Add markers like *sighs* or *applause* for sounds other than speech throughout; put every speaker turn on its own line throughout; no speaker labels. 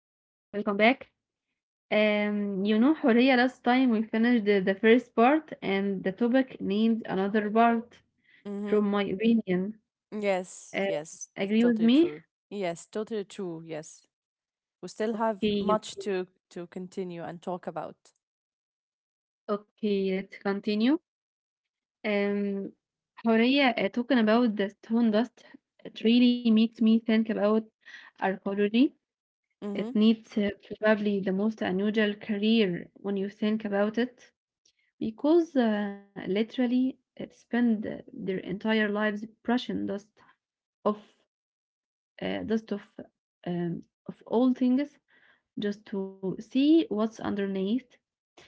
welcome back. You know, Horia, last time we finished the first part and the topic needs another part,
Mm-hmm.
from my opinion.
Yes,
Uh,
yes, that's
Agree with
totally
me?
true. Yes, totally true. Yes, we still have
Okay,
much to continue and talk about.
okay, let's continue. Um, Horia, talking about the stone dust, it really makes me think about archaeology. It
Mm-hmm.
needs probably the most unusual career when you think about it. Because literally spend their entire lives brushing dust of uh, dust of um, of all things just to see what's underneath.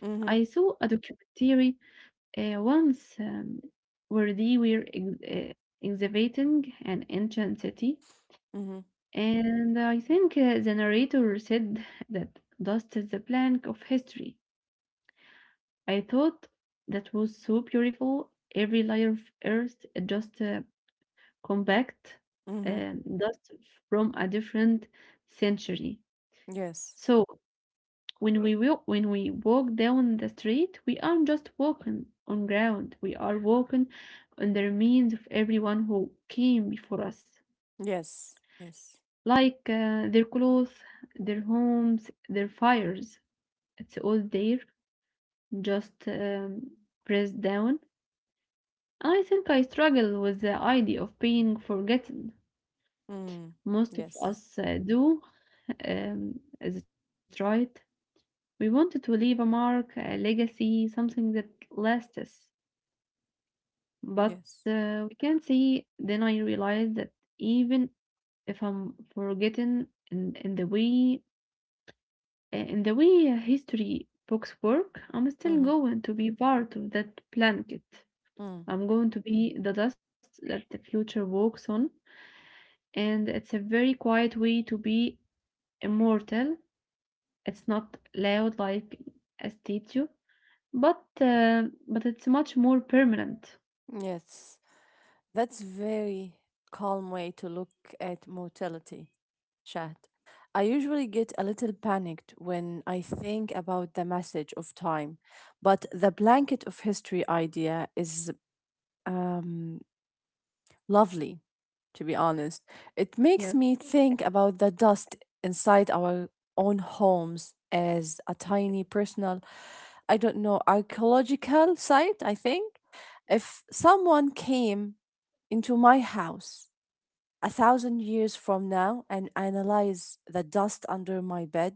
Mm-hmm.
I saw a documentary once where they were excavating an ancient city,
Mm-hmm.
and I think the narrator said that dust is the plank of history. I thought that was so beautiful. Every layer of earth just compact
Mm-hmm.
dust from a different century.
Yes.
So when we walk down the street, we aren't just walking on ground. We are walking on the remains of everyone who came before us,
Yes. Yes.
like their clothes, their homes, their fires. It's all there, just pressed down. I think I struggle with the idea of being forgotten.
Mm.
Most of
Yes.
us do. Um, is it right? We wanted to leave a mark, a legacy, something that lasts. But
Yes.
we can see, then I realized that even if I'm forgotten in the way in the way history books work, I'm still
Mm-hmm.
going to be part of that blanket.
Mm.
I'm going to be the dust that the future walks on and it's a very quiet way to be immortal. It's not loud like a statue, but it's much more permanent.
Yes. That's very calm way to look at mortality, Shad. I usually get a little panicked when I think about the message of time, but the blanket of history idea is um, lovely, to be honest.
Yes.
It makes me think about the dust inside our own homes as a tiny personal, I don't know, archaeological site, I think. If someone came into my house a thousand years from now and analyze the dust under my bed,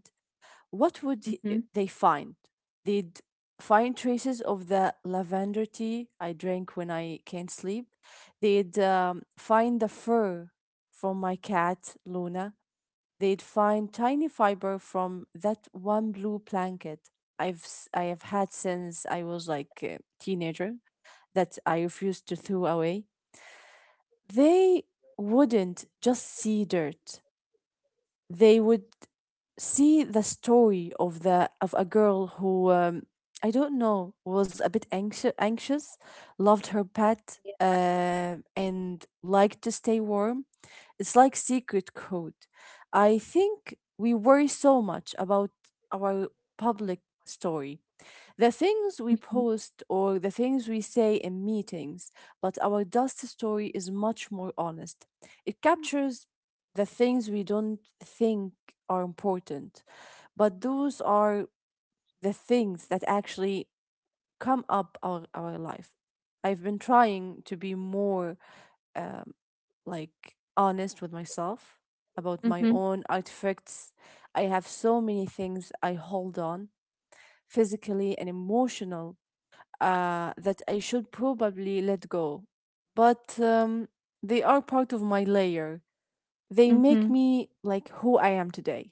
what would
Mm-hmm.
they find? They'd find traces of the lavender tea I drink when I can't sleep. They'd find the fur from my cat, Luna. They'd find tiny fiber from that one blue blanket I have
Yes.
had since I was like a teenager that I refused to throw away. They wouldn't just see dirt, they would see the story of the of a girl who I don't know was a bit anxious, loved her pet, and liked to stay warm. It's like secret code. I think we worry so much about our public story, the things we
Mm-hmm.
post or the things we say in meetings, but our dust story is much more honest. It captures the things we don't think are important, but those are the things that actually come up our life. I've been trying to be more um, like honest with myself about my own artifacts. I have so many things I hold on physically and emotional that I should probably let go. But they are part of my layer. They make
Mm-hmm.
me like who I am today.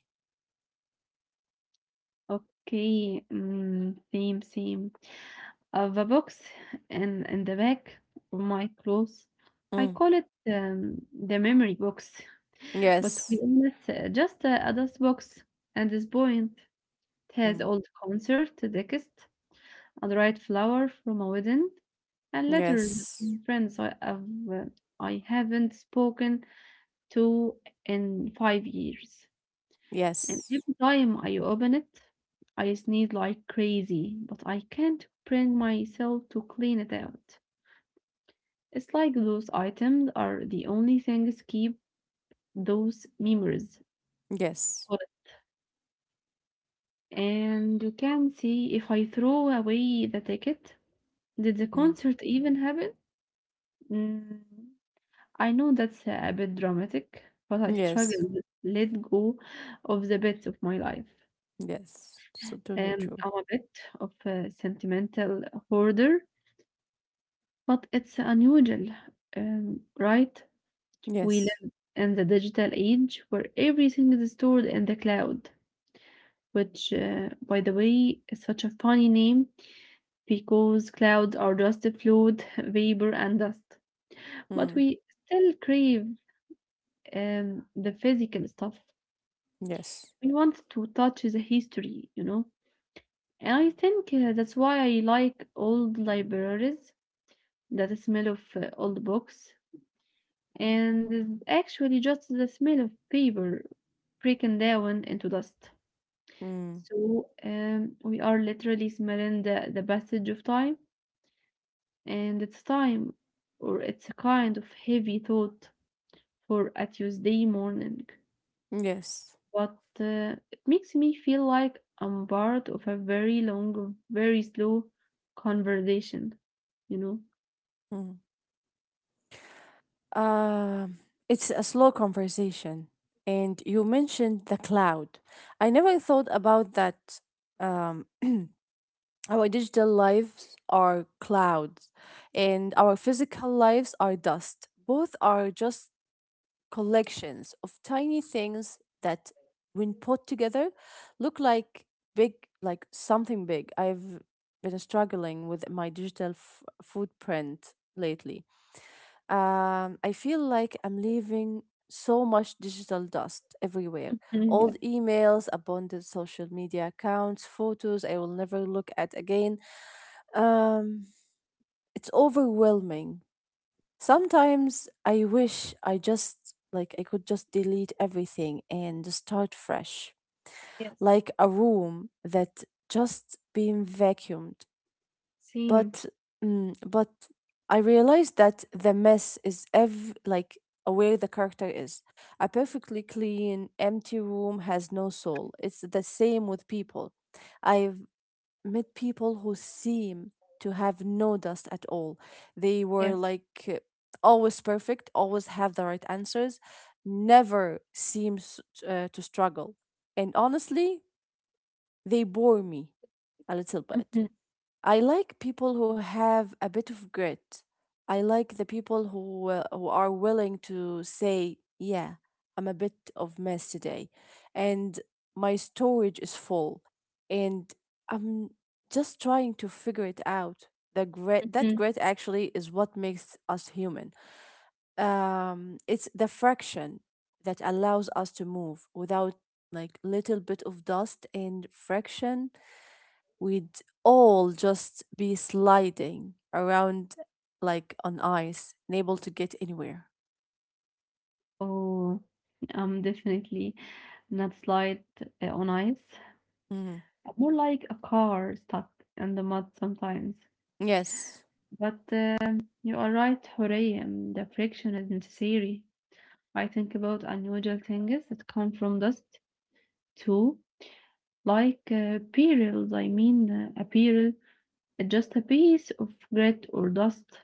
Okay, mm, same, same. Of a box in the back of my clothes. I
Mm.
call it the memory box, *laughs* but to be
Yes.
honest, just a, dust box. At this point, it has
Mm.
old concert text, a dried flower from a wedding, and letters
Yes.
from friends uh, I haven't spoken to in 5 years. And
Yes.
every time I open it, I sneeze like crazy, but I can't bring myself to clean it out. It's like those items are the only things keep those memories
Yes.
solid. And you can see if I throw away the ticket, did the
Mm.
concert even happen? Mm, I know that's a bit dramatic, but I
Yes.
struggle with let go of the bits of my life.
Yes, so totally true.
I'm a bit of a sentimental hoarder. But it's unusual, right? We
Yes.
live in the digital age where everything is stored in the cloud, which, by the way, is such a funny name because clouds are just fluid, *laughs* vapor, and dust. But
Mm.
we still crave the physical stuff.
Yes.
We want to touch the history, you know? And I think that's why I like old libraries, that smell of old books, and it's actually just the smell of paper breaking down into dust.
Mm.
So we are literally smelling the passage of time, and it's time, or it's a kind of heavy thought for a Tuesday morning.
Yes.
But it makes me feel like I'm part of a very long, very slow conversation, you know?
Mm. Uh, it's a slow conversation, and you mentioned the cloud. I never thought about that. Um, *clears throat* our digital lives are clouds, and our physical lives are dust. Both are just collections of tiny things that, when put together, look like big, like something big. I've been struggling with my digital footprint lately. I feel like I'm leaving so much digital dust everywhere.
Mm,
Old
yes,
emails, abandoned social media accounts, photos I will never look at again. Um, it's overwhelming. Sometimes I wish I just like I could just delete everything and start fresh,
yes,
like a room that just been vacuumed.
same.
But mm, but I realized that the mess is ev like where the character is. A perfectly clean, empty room has no soul. It's the same with people. I've met people who seem to have no dust at all. They were
Yes.
like always perfect, always have the right answers, never seems to struggle. And honestly, they bore me a little bit.
Mhm,
I like people who have a bit of grit. I like the people who are willing to say, "Yeah, I'm a bit of mess today, and my storage is full, and I'm just trying to figure it out." The grit, that
mhm.
grit actually is what makes us human. It's the fraction that allows us to move without like little bit of dust and friction we'd all just be sliding around like on ice, unable to get anywhere.
Oh. I'm definitely not slide on ice.
Mm.
I'm more like a car stuck in the mud sometimes.
Yes.
But you are right, Hurray, the friction is necessary. I think about unusual things that come from dust too, like perils. I mean, a peril is just a piece of grit or dust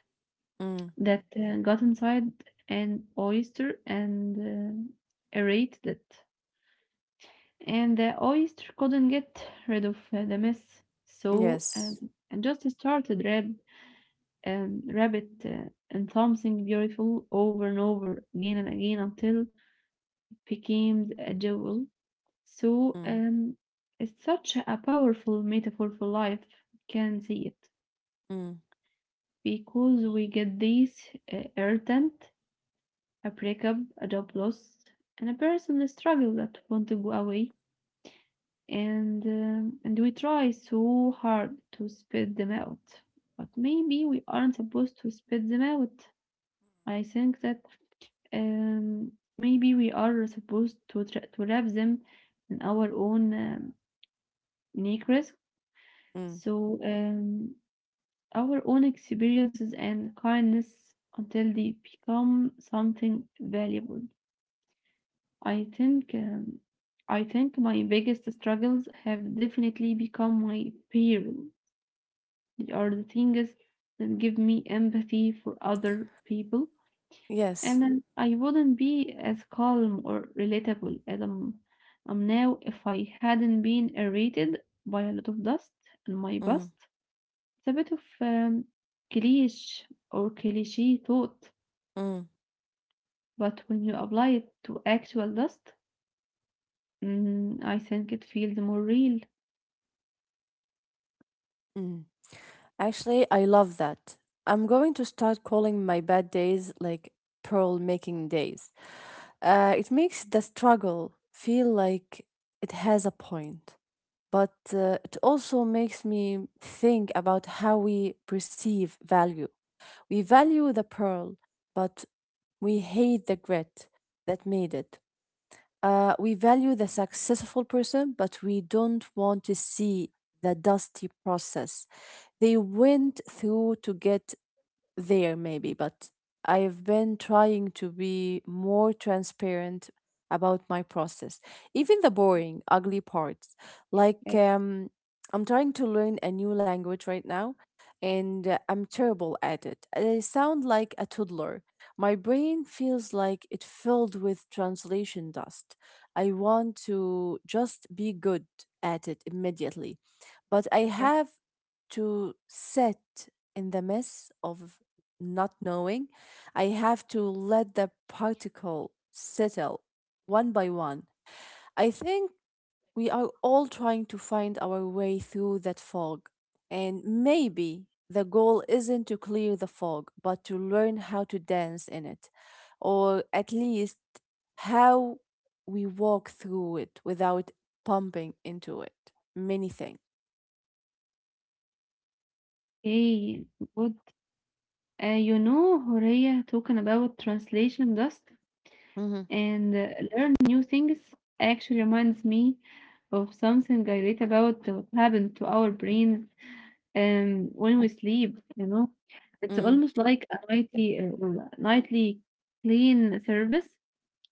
Mm.
that got inside an oyster and aerated it. And the oyster couldn't get rid of the mess, so um,
Yes.
and just started rabbit and something beautiful over and over again and again until it became a jewel. So
Mm.
it's such a powerful metaphor for life. We can see it
Mm.
because we get these irritant, a breakup, a job loss, and a personal struggle that want to go away and we try so hard to spit them out, but maybe we aren't supposed to spit them out. I think that um, maybe we are supposed to, to wrap them in our own unique risk,
Mm.
so um, our own experiences and kindness until they become something valuable. I think um, i think my biggest struggles have definitely become my parents or the things that give me empathy for other people,
Yes.
and then I wouldn't be as calm or relatable as I'm now if I hadn't been irritated by a lot of dust and my
Mm.
past. It's a bit of cliche or cliche thought,
Mm.
but when you apply it to actual dust, mm, I think it feels more real.
Mm. Actually, I love that. I'm going to start calling my bad days like pearl making days. It makes the struggle feel like it has a point. But it also makes me think about how we perceive value. We value the pearl, but we hate the grit that made it. We value the successful person, but we don't want to see the dusty process they went through to get there maybe, but I've been trying to be more transparent about my process, even the boring, ugly parts. Like,
Yes.
um, I'm trying to learn a new language right now, and I'm terrible at it. I sound like a toddler. My brain feels like it filled with translation dust. I want to just be good at it immediately, but I
Yeah.
have to sit in the mess of not knowing. I have to let the particle settle one by one. I think we are all trying to find our way through that fog. And maybe the goal isn't to clear the fog, but to learn how to dance in it, or at least how we walk through it without pumping into it. Many things.
Hey, good. You know, Horea, talking about translation dust
Mm-hmm.
and learn new things actually reminds me of something I read about what happened to our brains when we sleep. You know, it's
Mm.
almost like a nightly, nightly clean service.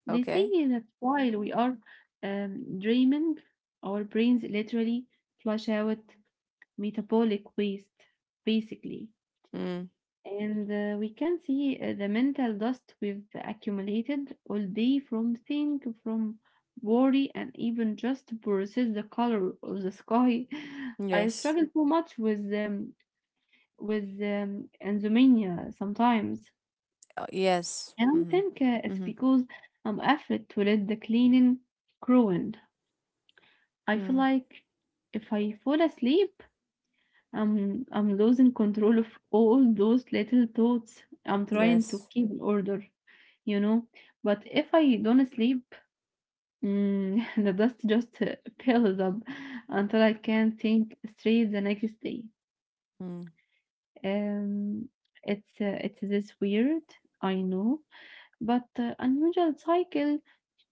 They say
Okay.
that while we are dreaming, our brains literally flush out metabolic waste, basically.
Mm.
And we can see the mental dust we've accumulated all day from think, from worry, and even just versus the color of the sky. *laughs* I
Yes.
struggle too much with insomnia sometimes,
Yes.
and I
Mm-hmm.
think it's
Mm-hmm.
because I'm afraid to let the cleaning ruin. I feel
Mm,
like if I fall asleep, I'm losing control of all those little thoughts I'm trying to
yes.
keep in order, you know. But if I don't sleep, mm, *laughs* the dust just *laughs* builds up until I can't think straight the next day.
Mm,
Um, it's this weird, I know, but unusual cycle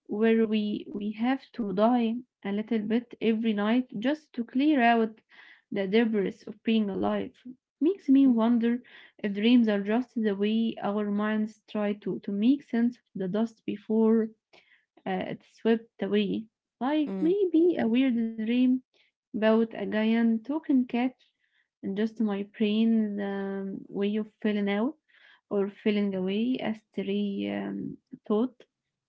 where we have to die a little bit every night just to clear out the debris of being alive. Makes me
mm,
wonder if dreams are just the way our minds try to make sense of the dust before uh, it swept away, like
mm,
maybe a weird dream about a giant talking cat, and just my brain's way of feeling out or feeling away a stray thought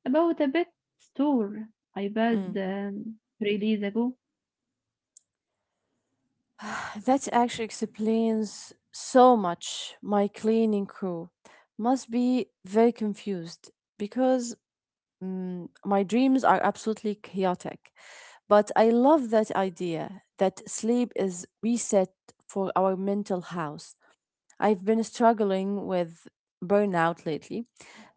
about a pet store I passed
mm.
3 days ago.
*sighs* That actually explains so much. My cleaning crew must be very confused because my dreams are absolutely chaotic. But I love that idea that sleep is reset for our mental house. I've been struggling with burnout lately.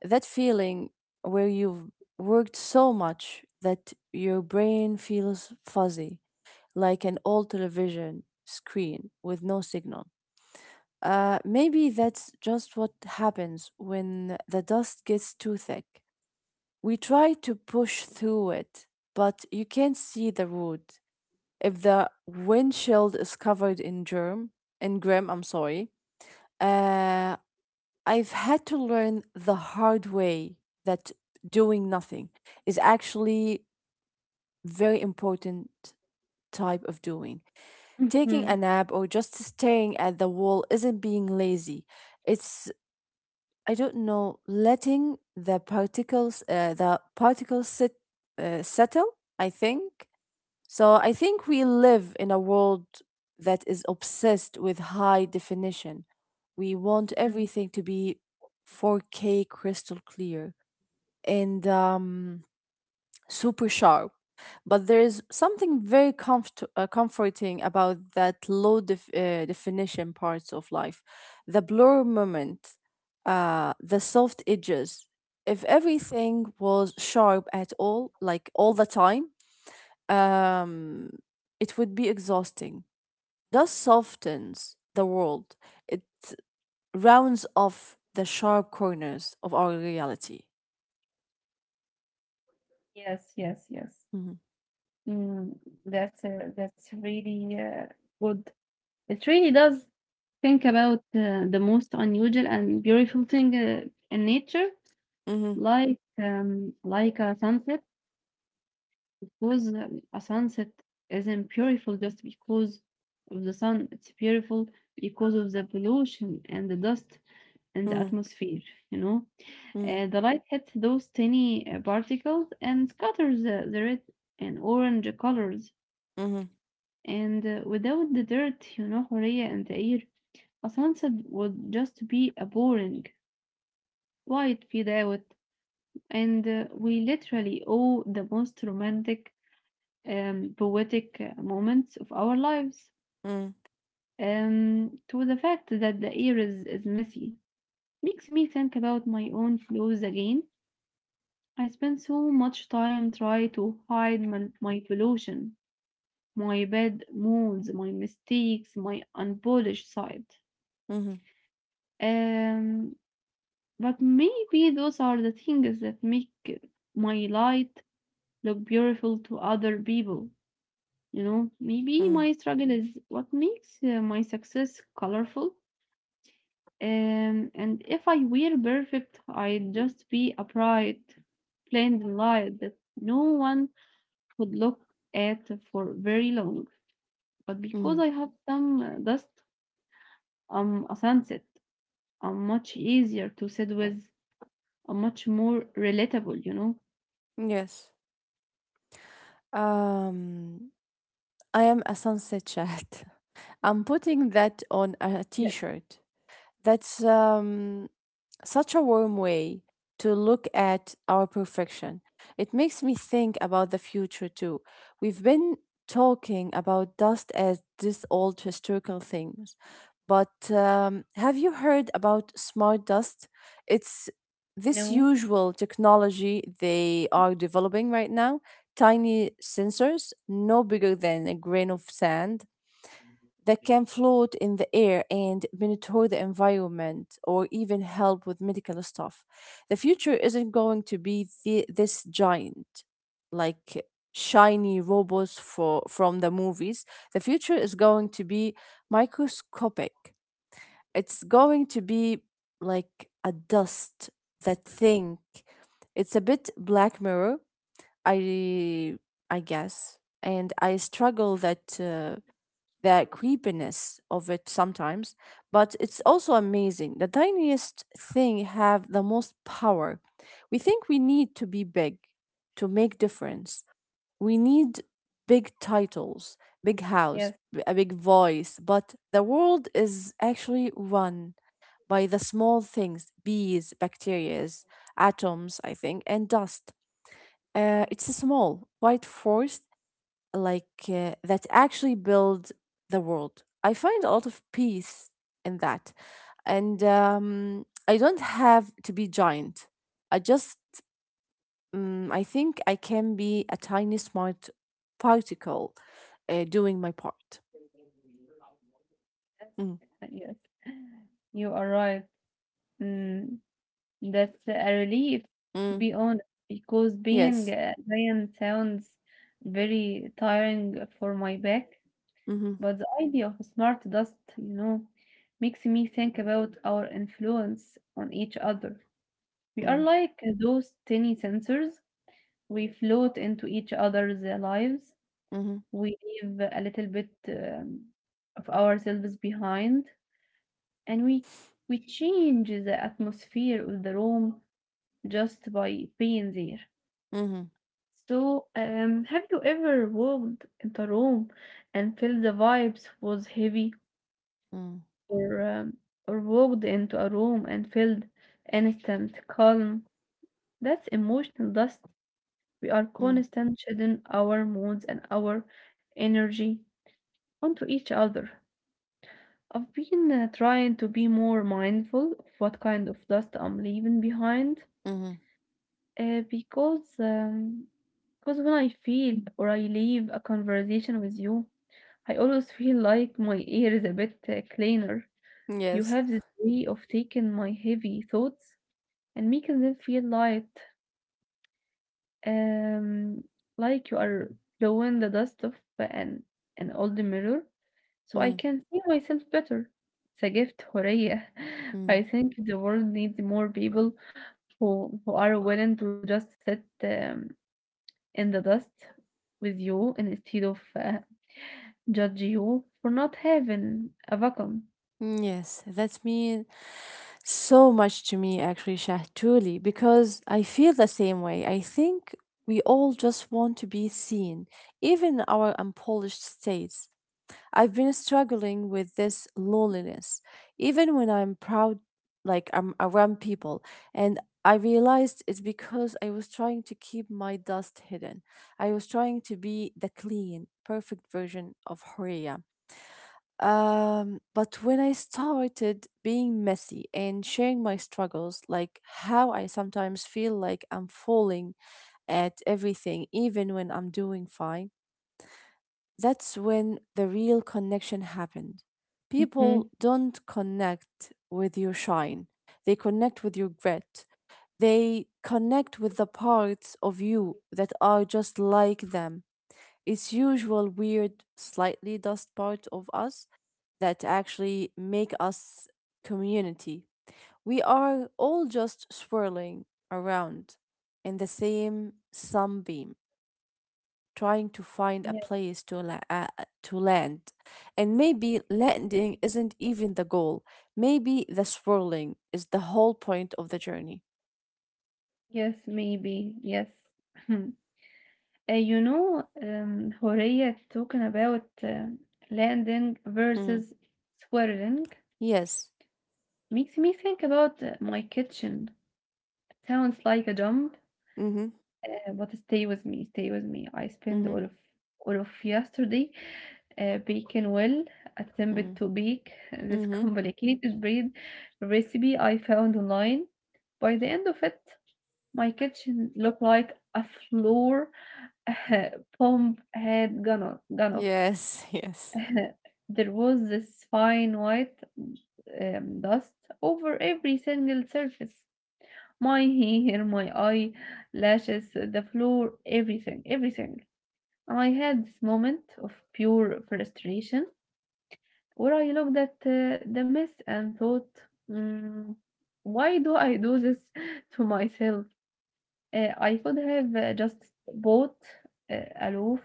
That feeling where you've worked so much that your brain feels fuzzy, like an old television screen with no signal. Maybe that's just what happens when the dust gets too thick. We try to push through it, but you can't see the root. If the windshield is covered in germ, in grim, I'm sorry, uh, I've had to learn the hard way that doing nothing is actually very important type of doing. Taking a
*laughs*
nap or just staring at the wall isn't being lazy. It's I don't know letting the particles sit settle. I think we live in a world that is obsessed with high definition. We want
Mm.
everything to be 4K crystal clear and super sharp. But there is something very comforting about that definition parts of life. The blur moment, the soft edges. If everything was sharp at all, like all the time, um, it would be exhausting. Dust softens the world, it rounds off the sharp corners of our reality.
Yes, yes, yes.
Mhm.
Mm, that's really good. It really does think about the most unusual and beautiful thing in nature,
Mhm.
like a sunset. Because a sunset isn't beautiful just because of the sun, it's beautiful because of the pollution and the dust and the
Mm.
atmosphere, you know.
Mm.
The light hits those tiny particles and scatters the red and orange colors.
Mhm.
And without the dirt, you know, Horea, and the air, a sunset would just be a boring, quiet fade out. And we literally owe the most romantic poetic moments of our lives.
Mm.
To the fact that the air is messy makes me think about my own flaws again. I spend so much time trying to hide my pollution, my bad moods, my mistakes, my unpolished side.
Mhm.
Um, but maybe those are the things that make my light look beautiful to other people. You know, maybe
Mm.
my struggle is what makes my success colorful. And if I were perfect, I'd just be a bright, plain light that no one would look at for very long. But
Mm.
because I have some dust, I'm a sunset. I'm much easier to sit with. I'm much more relatable, you know.
Yes. Um, I am a sunset chat. *laughs* I'm putting that on a t
Yes.
shirt. That's such a warm way to look at our perfection. It makes me think about the future too. We've been talking about dust as this old historical things, but have you heard about smart dust? It's this
No.
usual technology they are developing right now. Tiny sensors, no bigger than a grain of sand, that can float in the air and monitor the environment or even help with medical stuff. The future isn't going to be this giant, like shiny robots for from the movies. The future is going to be microscopic. It's going to be like a dust that think. It's a bit Black Mirror. I I guess, and I struggle that. The creepiness of it sometimes, but it's also amazing. The tiniest thing have the most power. We think we need to be big to make difference. We need big titles, big house,
Yes.
a big voice, but the world is actually run by the small things, bees, bacterias, atoms, I think, and dust. It's a small, white force like that actually build the world. I find a lot of peace in that. And I don't have to be giant. I just, I think I can be a tiny smart particle doing my part.
Yes.
Mm.
*laughs* Yes. You are right. Mm. That's a relief, to
Mm.
be honest, because being
Yes.
a vegan sounds very tiring for my back.
Mm-hmm.
But the idea of smart dust, you know, makes me think about our influence on each other. We are
Mm.
like those tiny sensors. We float into each other's lives.
Mm-hmm.
We leave a little bit of ourselves behind, and we change the atmosphere of the room just by being there.
Mm-hmm.
So, have you ever walked into a room and felt the vibes was heavy,
Mm. Mm.
or um, or walked into a room and felt instant calm? That's emotional dust. We are
Hmm,
constant shedding our moods and our energy onto each other. I've been trying to be more mindful of what kind of dust I'm leaving behind,
mm, hmm, mm, mm,
uh, because um, because when I feel or I leave a conversation with you, I always feel like my air is a bit cleaner.
hmm.
You
Yes.
have this way of taking my heavy thoughts and making them feel light, um, like you are blowing the dust off an old mirror, so I
Mm.
can see myself better. It's a gift, Horea. *laughs*
Mm.
I think the world needs more people who are willing to just sit in the dust with you instead of judge you for not having a vacuum.
Mm, yes, that means so much to me, actually, Shah, truly, because I feel the same way. I think we all just want to be seen, even our unpolished states. I've been struggling with this loneliness, even when I'm proud, like I'm around people. And I realized it's because I was trying to keep my dust hidden. I was trying to be the clean, perfect version of Horia. But when I started being messy and sharing my struggles, like how I sometimes feel like I'm falling at everything, even when I'm doing fine, that's when the real connection happened. People
Mhm.
don't connect with your shine, they connect with your grit. They connect with the parts of you that are just like them, it's usual weird, slightly dust part of us that actually make us community. We are all just swirling around in the same sunbeam, trying to find a
Yes,
place to to land. And maybe landing isn't even the goal. Maybe the swirling is the whole point of the journey.
yes, maybe. Yes. *laughs* Horea, talking about landing
Mm.
versus swirling
Yes.
makes me think about my kitchen. Sounds like a jump,
Mm-hmm.
but stay with me, stay with me. I spent
Mm-hmm.
all of yesterday baking, well, attempted
Mm-hmm.
to bake this
Mm-hmm.
complicated bread recipe I found online. By the end of it, my kitchen looked like a floor *laughs* Pomp had gone off.
Yes. *laughs* Yes.
*laughs* There was this fine white dust over every single surface. My hair, my eye, lashes, the floor, everything, everything. I had this moment of pure frustration where I looked at the mess and thought, mm, why do I do this *laughs* to myself? I could have just bought a loaf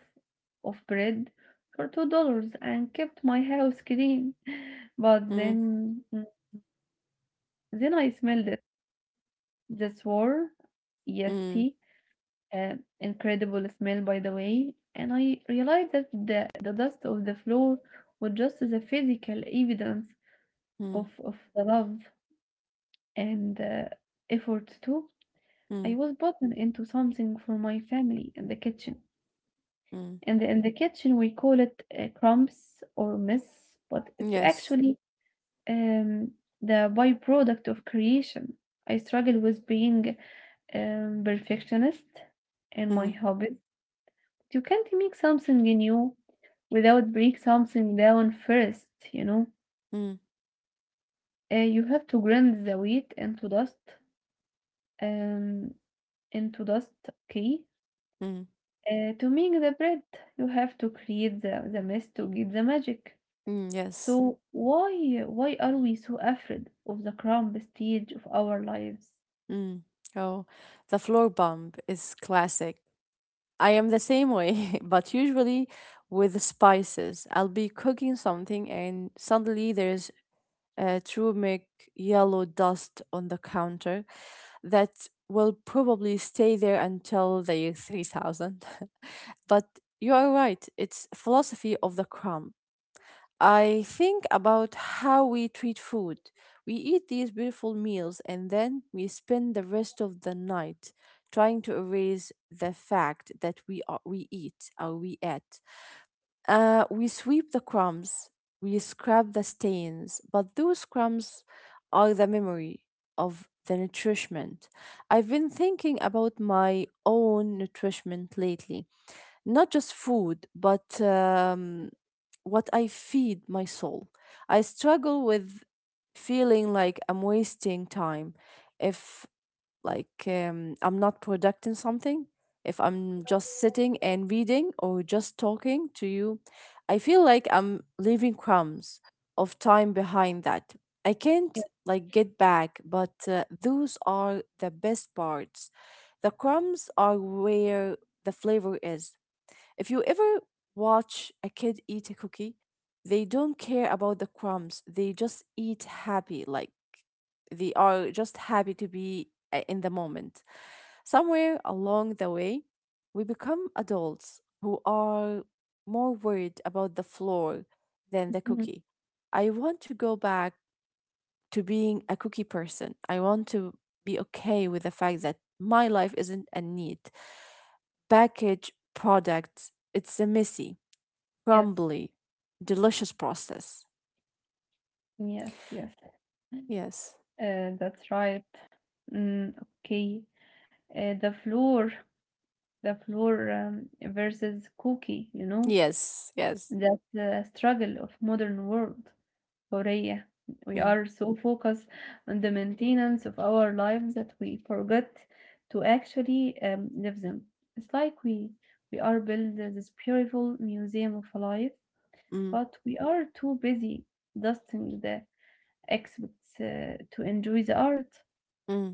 of bread for $2 and kept my house clean. *laughs* But then, then I smelled it. The war, yes,
Mm-hmm.
tea, incredible smell, by the way. And I realized that the dust of the floor was just the physical evidence of the love and effort too. I
Mm,
was buttoned into something for my family in the kitchen.
mm,
In the kitchen, we call it crumbs or mess, but it's
yes.
actually um, the byproduct of creation. I struggle with being perfectionist in my
Mm,
hobbies. You can't make something new without break something down first, you know.
mm,
You have to grind the wheat um, into dust, okay?
mm,
To make the bread, you have to create the mess to get the magic.
mm, yes.
So why are we so afraid of the crown stage of our lives?
Mm. Oh, the floor bump is classic. I am the same way, *laughs* but usually with spices. I'll be cooking something and suddenly there's a turmeric yellow dust on the counter that will probably stay there until the year 3000. *laughs* But you are right, it's philosophy of the crumb. I think about how we treat food. We eat these beautiful meals and then we spend the rest of the night trying to erase the fact that we eat or we ate. We sweep the crumbs, we scrub the stains, but those crumbs are the memory of the nourishment. I've been thinking about my own nourishment lately, not just food, but what I feed my soul. I struggle with feeling like I'm wasting time if I'm not producing something, if I'm just sitting and reading or just talking to you. I feel like I'm leaving crumbs of time behind that. I can't
Yeah.
like get back, but those are the best parts. The crumbs are where the flavor is if you ever watch a kid eat a cookie, they don't care about the crumbs. They just eat happy. Like they are just happy to be in the moment. Somewhere along the way, we become adults who are more worried about the floor than the
Mhm.
cookie. I want to go back to being a cookie person. I want to be okay with the fact that my life isn't a neat package product, it's a messy
Yes,
crumbly, delicious process.
yes, yes.
Yes,
That's right. Mm, okay. The floor, the floor versus cookie. You know
yes, yes.
that's the struggle of modern world. حرية. We
Mm,
are so focused on the maintenance of our lives that we forget to actually live them. It's like we are building this beautiful museum of life,
mm,
but we are too busy dusting the exhibits to enjoy the art.
mm,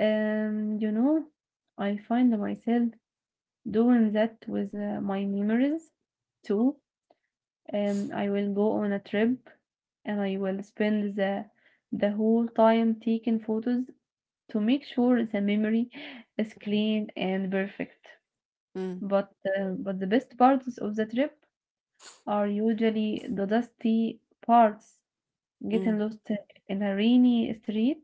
Um, you know, I find myself doing that with my memories too. Um, I will go on a trip and I will spend the whole time taking photos to make sure the memory is clean and perfect.
mm,
But the best parts of the trip are usually the dusty parts,
mm,
getting lost in a rainy street,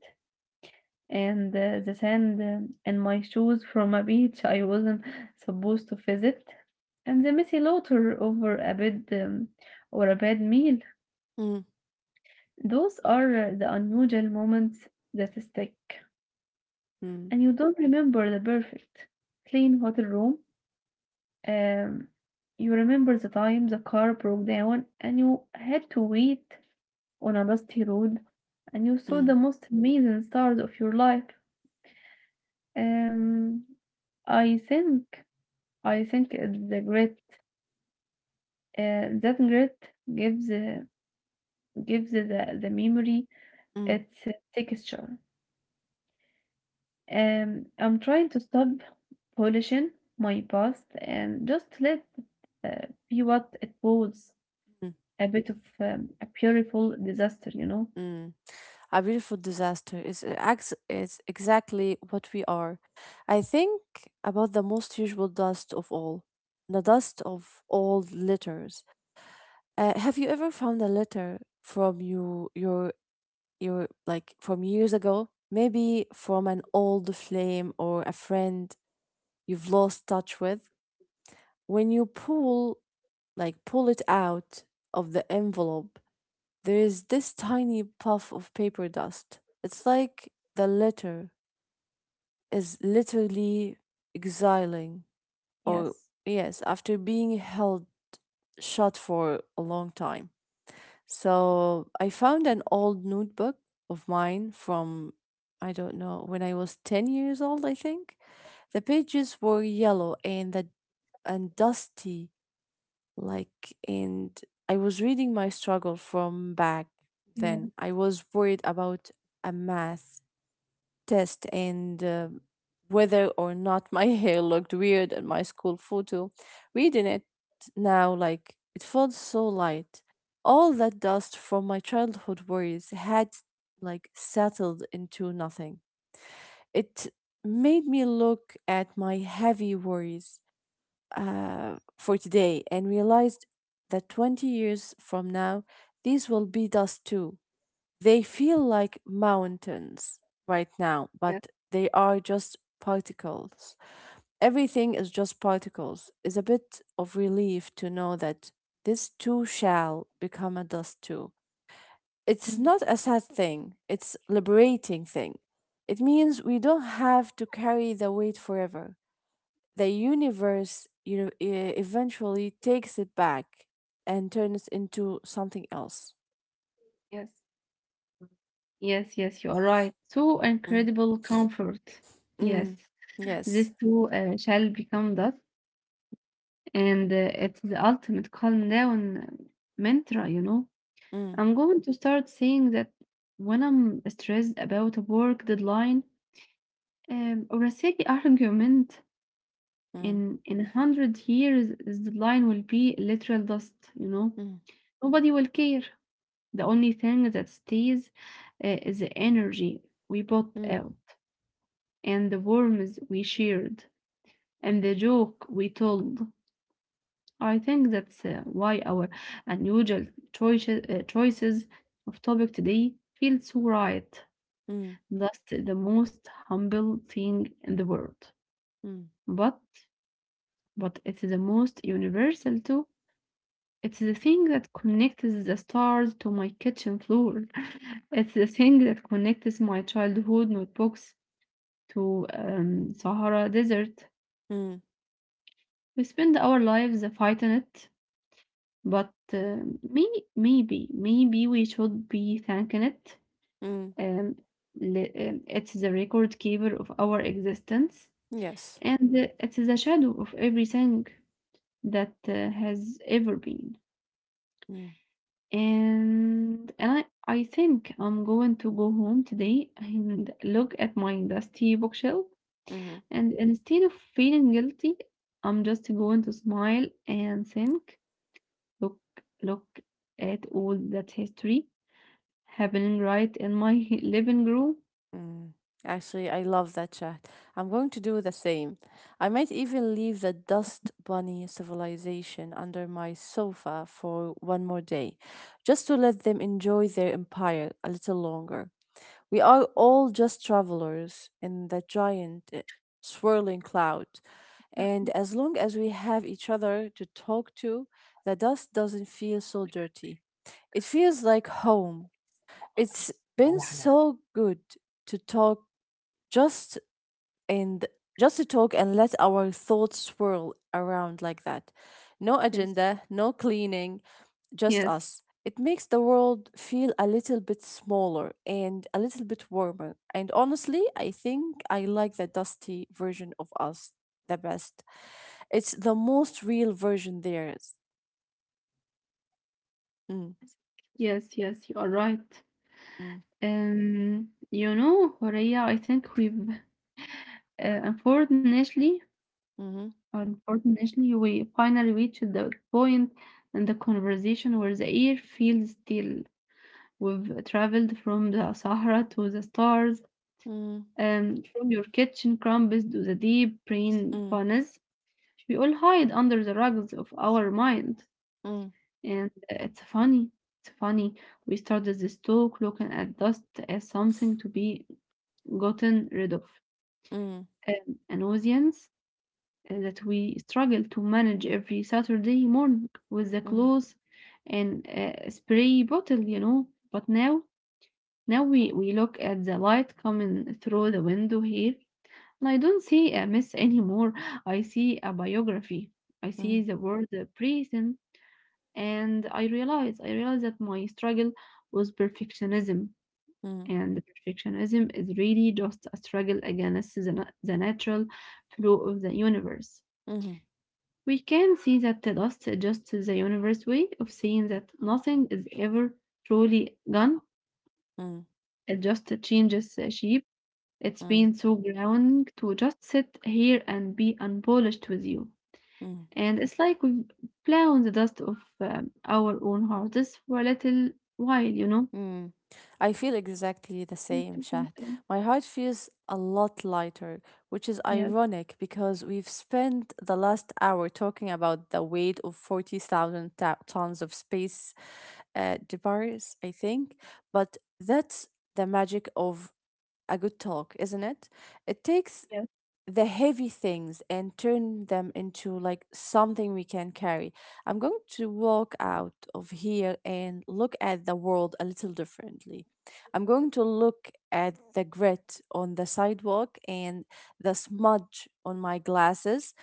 and the sand in my shoes from a beach I wasn't supposed to visit, and the messy laughter over a bad or a bad meal.
mm,
Those are the unusual moments that stick,
mm,
and you don't remember the perfect clean hotel room. Um, you remember the time the car broke down and you had to wait on a dusty road, and you saw
mm,
the most amazing stars of your life. Um, I think I think the grit, that grit gives gives the memory
mm,
its texture. I'm trying to stop polishing my past and just let it be what it was,
mm,
a bit of a beautiful disaster, you know?
mm. A beautiful disaster is is exactly what we are. I think about the most usual dust of all, the dust of old letters. Have you ever found a letter from your like from years ago? Maybe from an old flame or a friend you've lost touch with, when you pull it out of the envelope, there is this tiny puff of paper dust. It's like the letter is literally exiling, or
Yes.
yes, after being held shut for a long time. So I found an old notebook of mine from, I don't know, when I was 10 years old, I think. The pages were yellow and dusty. Like, and I was reading my struggle from back
Yeah.
then. I was worried about a math test and whether or not my *laughs* hair looked weird in my school photo. Reading it now, like, it felt so light. All that dust from my childhood worries had like settled into nothing. It made me look at my heavy worries for today and realized that 20 years from now, these will be dust too. They feel like mountains right now,
Yeah.
but they are just particles. Everything is just particles. It's a bit of relief to know that this too shall become a dust too. It's
Mm.
not a sad thing, it's liberating thing. It means we don't have to carry the weight forever. The universe you know eventually takes it back and turns into something else.
Yes. Yes, yes, you are right. So
Mm,
incredible comfort.
mm,
Yes,
yes.
this too shall become that, and it's the ultimate calm down mantra, you know.
Mm,
I'm going to start saying that when I'm stressed about a work deadline or a silly *laughs* argument.
mm,
In a hundred years, this deadline will be literal dust. You know,
mm,
nobody will care. The only thing that stays is the energy we put
mm,
out, and the worms we shared, and the joke we told. I think that's why our unusual choices, choices of topic today feel so right.
mm,
That's the most humble thing in the world.
mm,
But but it's the most universal too. It's the thing that connects the stars to my kitchen floor. *laughs* It's the thing that connects my childhood notebooks to Sahara Desert.
mm,
We spend our lives fighting it, but maybe maybe we should be thanking it.
mm,
Um, it's the record keeper of our existence
yes.
and it is a shadow of everything that has ever been.
Mm,
And I think I'm going to go home today and look at my dusty bookshelf.
mm,
And instead of feeling guilty, I'm just going to smile and think, look, look at all that history happening right in my *laughs* living room.
mm. Actually, I love that chat. I'm going to do the same. I might even leave the dust bunny civilization under my sofa for one more day, just to let them enjoy their empire a little longer. We are all just travelers in the giant swirling cloud. And as long as we have each other to talk to, the dust doesn't feel so dirty. It feels like home. It's been so good to talk just and just to talk and let our thoughts swirl around like that. No
Yes,
agenda, no cleaning, just
yes,
us. It makes the world feel a little bit smaller and a little bit warmer. And honestly, I think I like the dusty version of us the best. It's the most real version there is. Mm,
yes, yes, you are right.
mm,
Korea, I think we've uh, unfortunately,
mhm,
unfortunately, we finally reached the point in the conversation where the air feels still. We've traveled from the Sahara to the stars,
mm,
and from your kitchen crumbs to the deep brain
mm,
panas. We all hide under the rugs of our mind.
mm,
And it's funny, it's funny. We started this talk looking at dust as something to be gotten rid of,
mm,
an audience that we struggle to manage every Saturday morning with the
mhm,
clothes and spray bottle, you know. But now, now we look at the light coming through the window here, and I don't see a mess anymore. I see a biography. I
mm,
see the word prison, and I realized that my struggle was perfectionism,
mm,
and perfectionism is really just a struggle against the natural flow of the universe.
mhm, mm,
We can see that the dust is just the universe way of seeing that nothing is ever truly gone.
mm,
It just changes the shape. It's
mm,
been so grounding to just sit here and be unpolished with you.
mm.
And it's like we've blown the dust of our own hearts for a little while, you know.
Mm. I feel exactly the same,
With
Shahd.
the
My heart feels a lot lighter, which is
yes,
ironic because we've spent the last hour talking about the weight of 40,000 tons of space debris, I think. But that's the magic of a good talk, isn't it? It takes
yes.
the heavy things and turn them into like something we can carry. I'm going to walk out of here and look at the world a little differently. I'm going to look at the grit on the sidewalk and the smudge on my glasses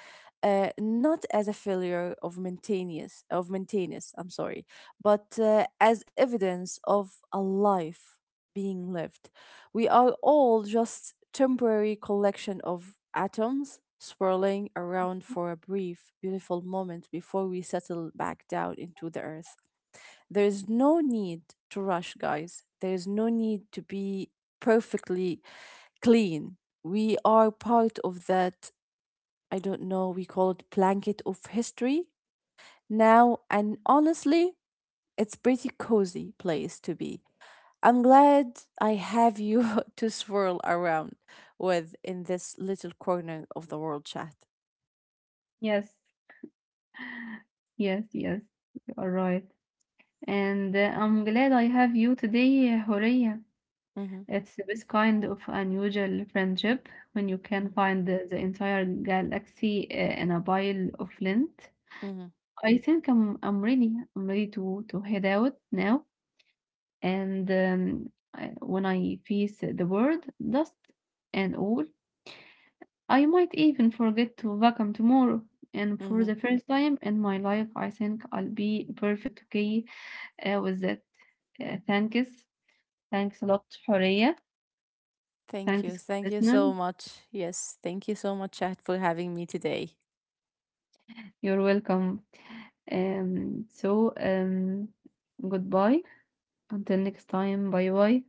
not as a failure of maintenance. I'm sorry, but as evidence of a life being lived. We are all just temporary collection of atoms swirling around for a brief beautiful moment before we settle back down into the earth. There is no need to rush, guys. There is no need to be perfectly clean. We are part of that, I don't know, we call it blanket of history now. And honestly, it's pretty cozy place to be. I'm glad I have you *laughs* to swirl around with in this little corner of the world chat.
Yes, yes, yes. You are right. And I'm glad I have you today, Horia.
Mm-hmm.
It's the best kind of unusual friendship when you can
Mm-hmm.
find the entire galaxy in a pile of lint.
Mm-hmm.
I think I'm ready. I'm ready to head out now. And when I face the world, dust and all, I might even forget to vacuum tomorrow. And for
Mm-hmm.
the first time in my life, I think I'll be perfect okay with that. Thanks. Thanks a lot, Horea.
Thank you.
Thanks for
Thank you so
listening.
much. Yes. Thank you so much, chat, for having me today.
You're welcome. So goodbye. Until next time. Bye bye.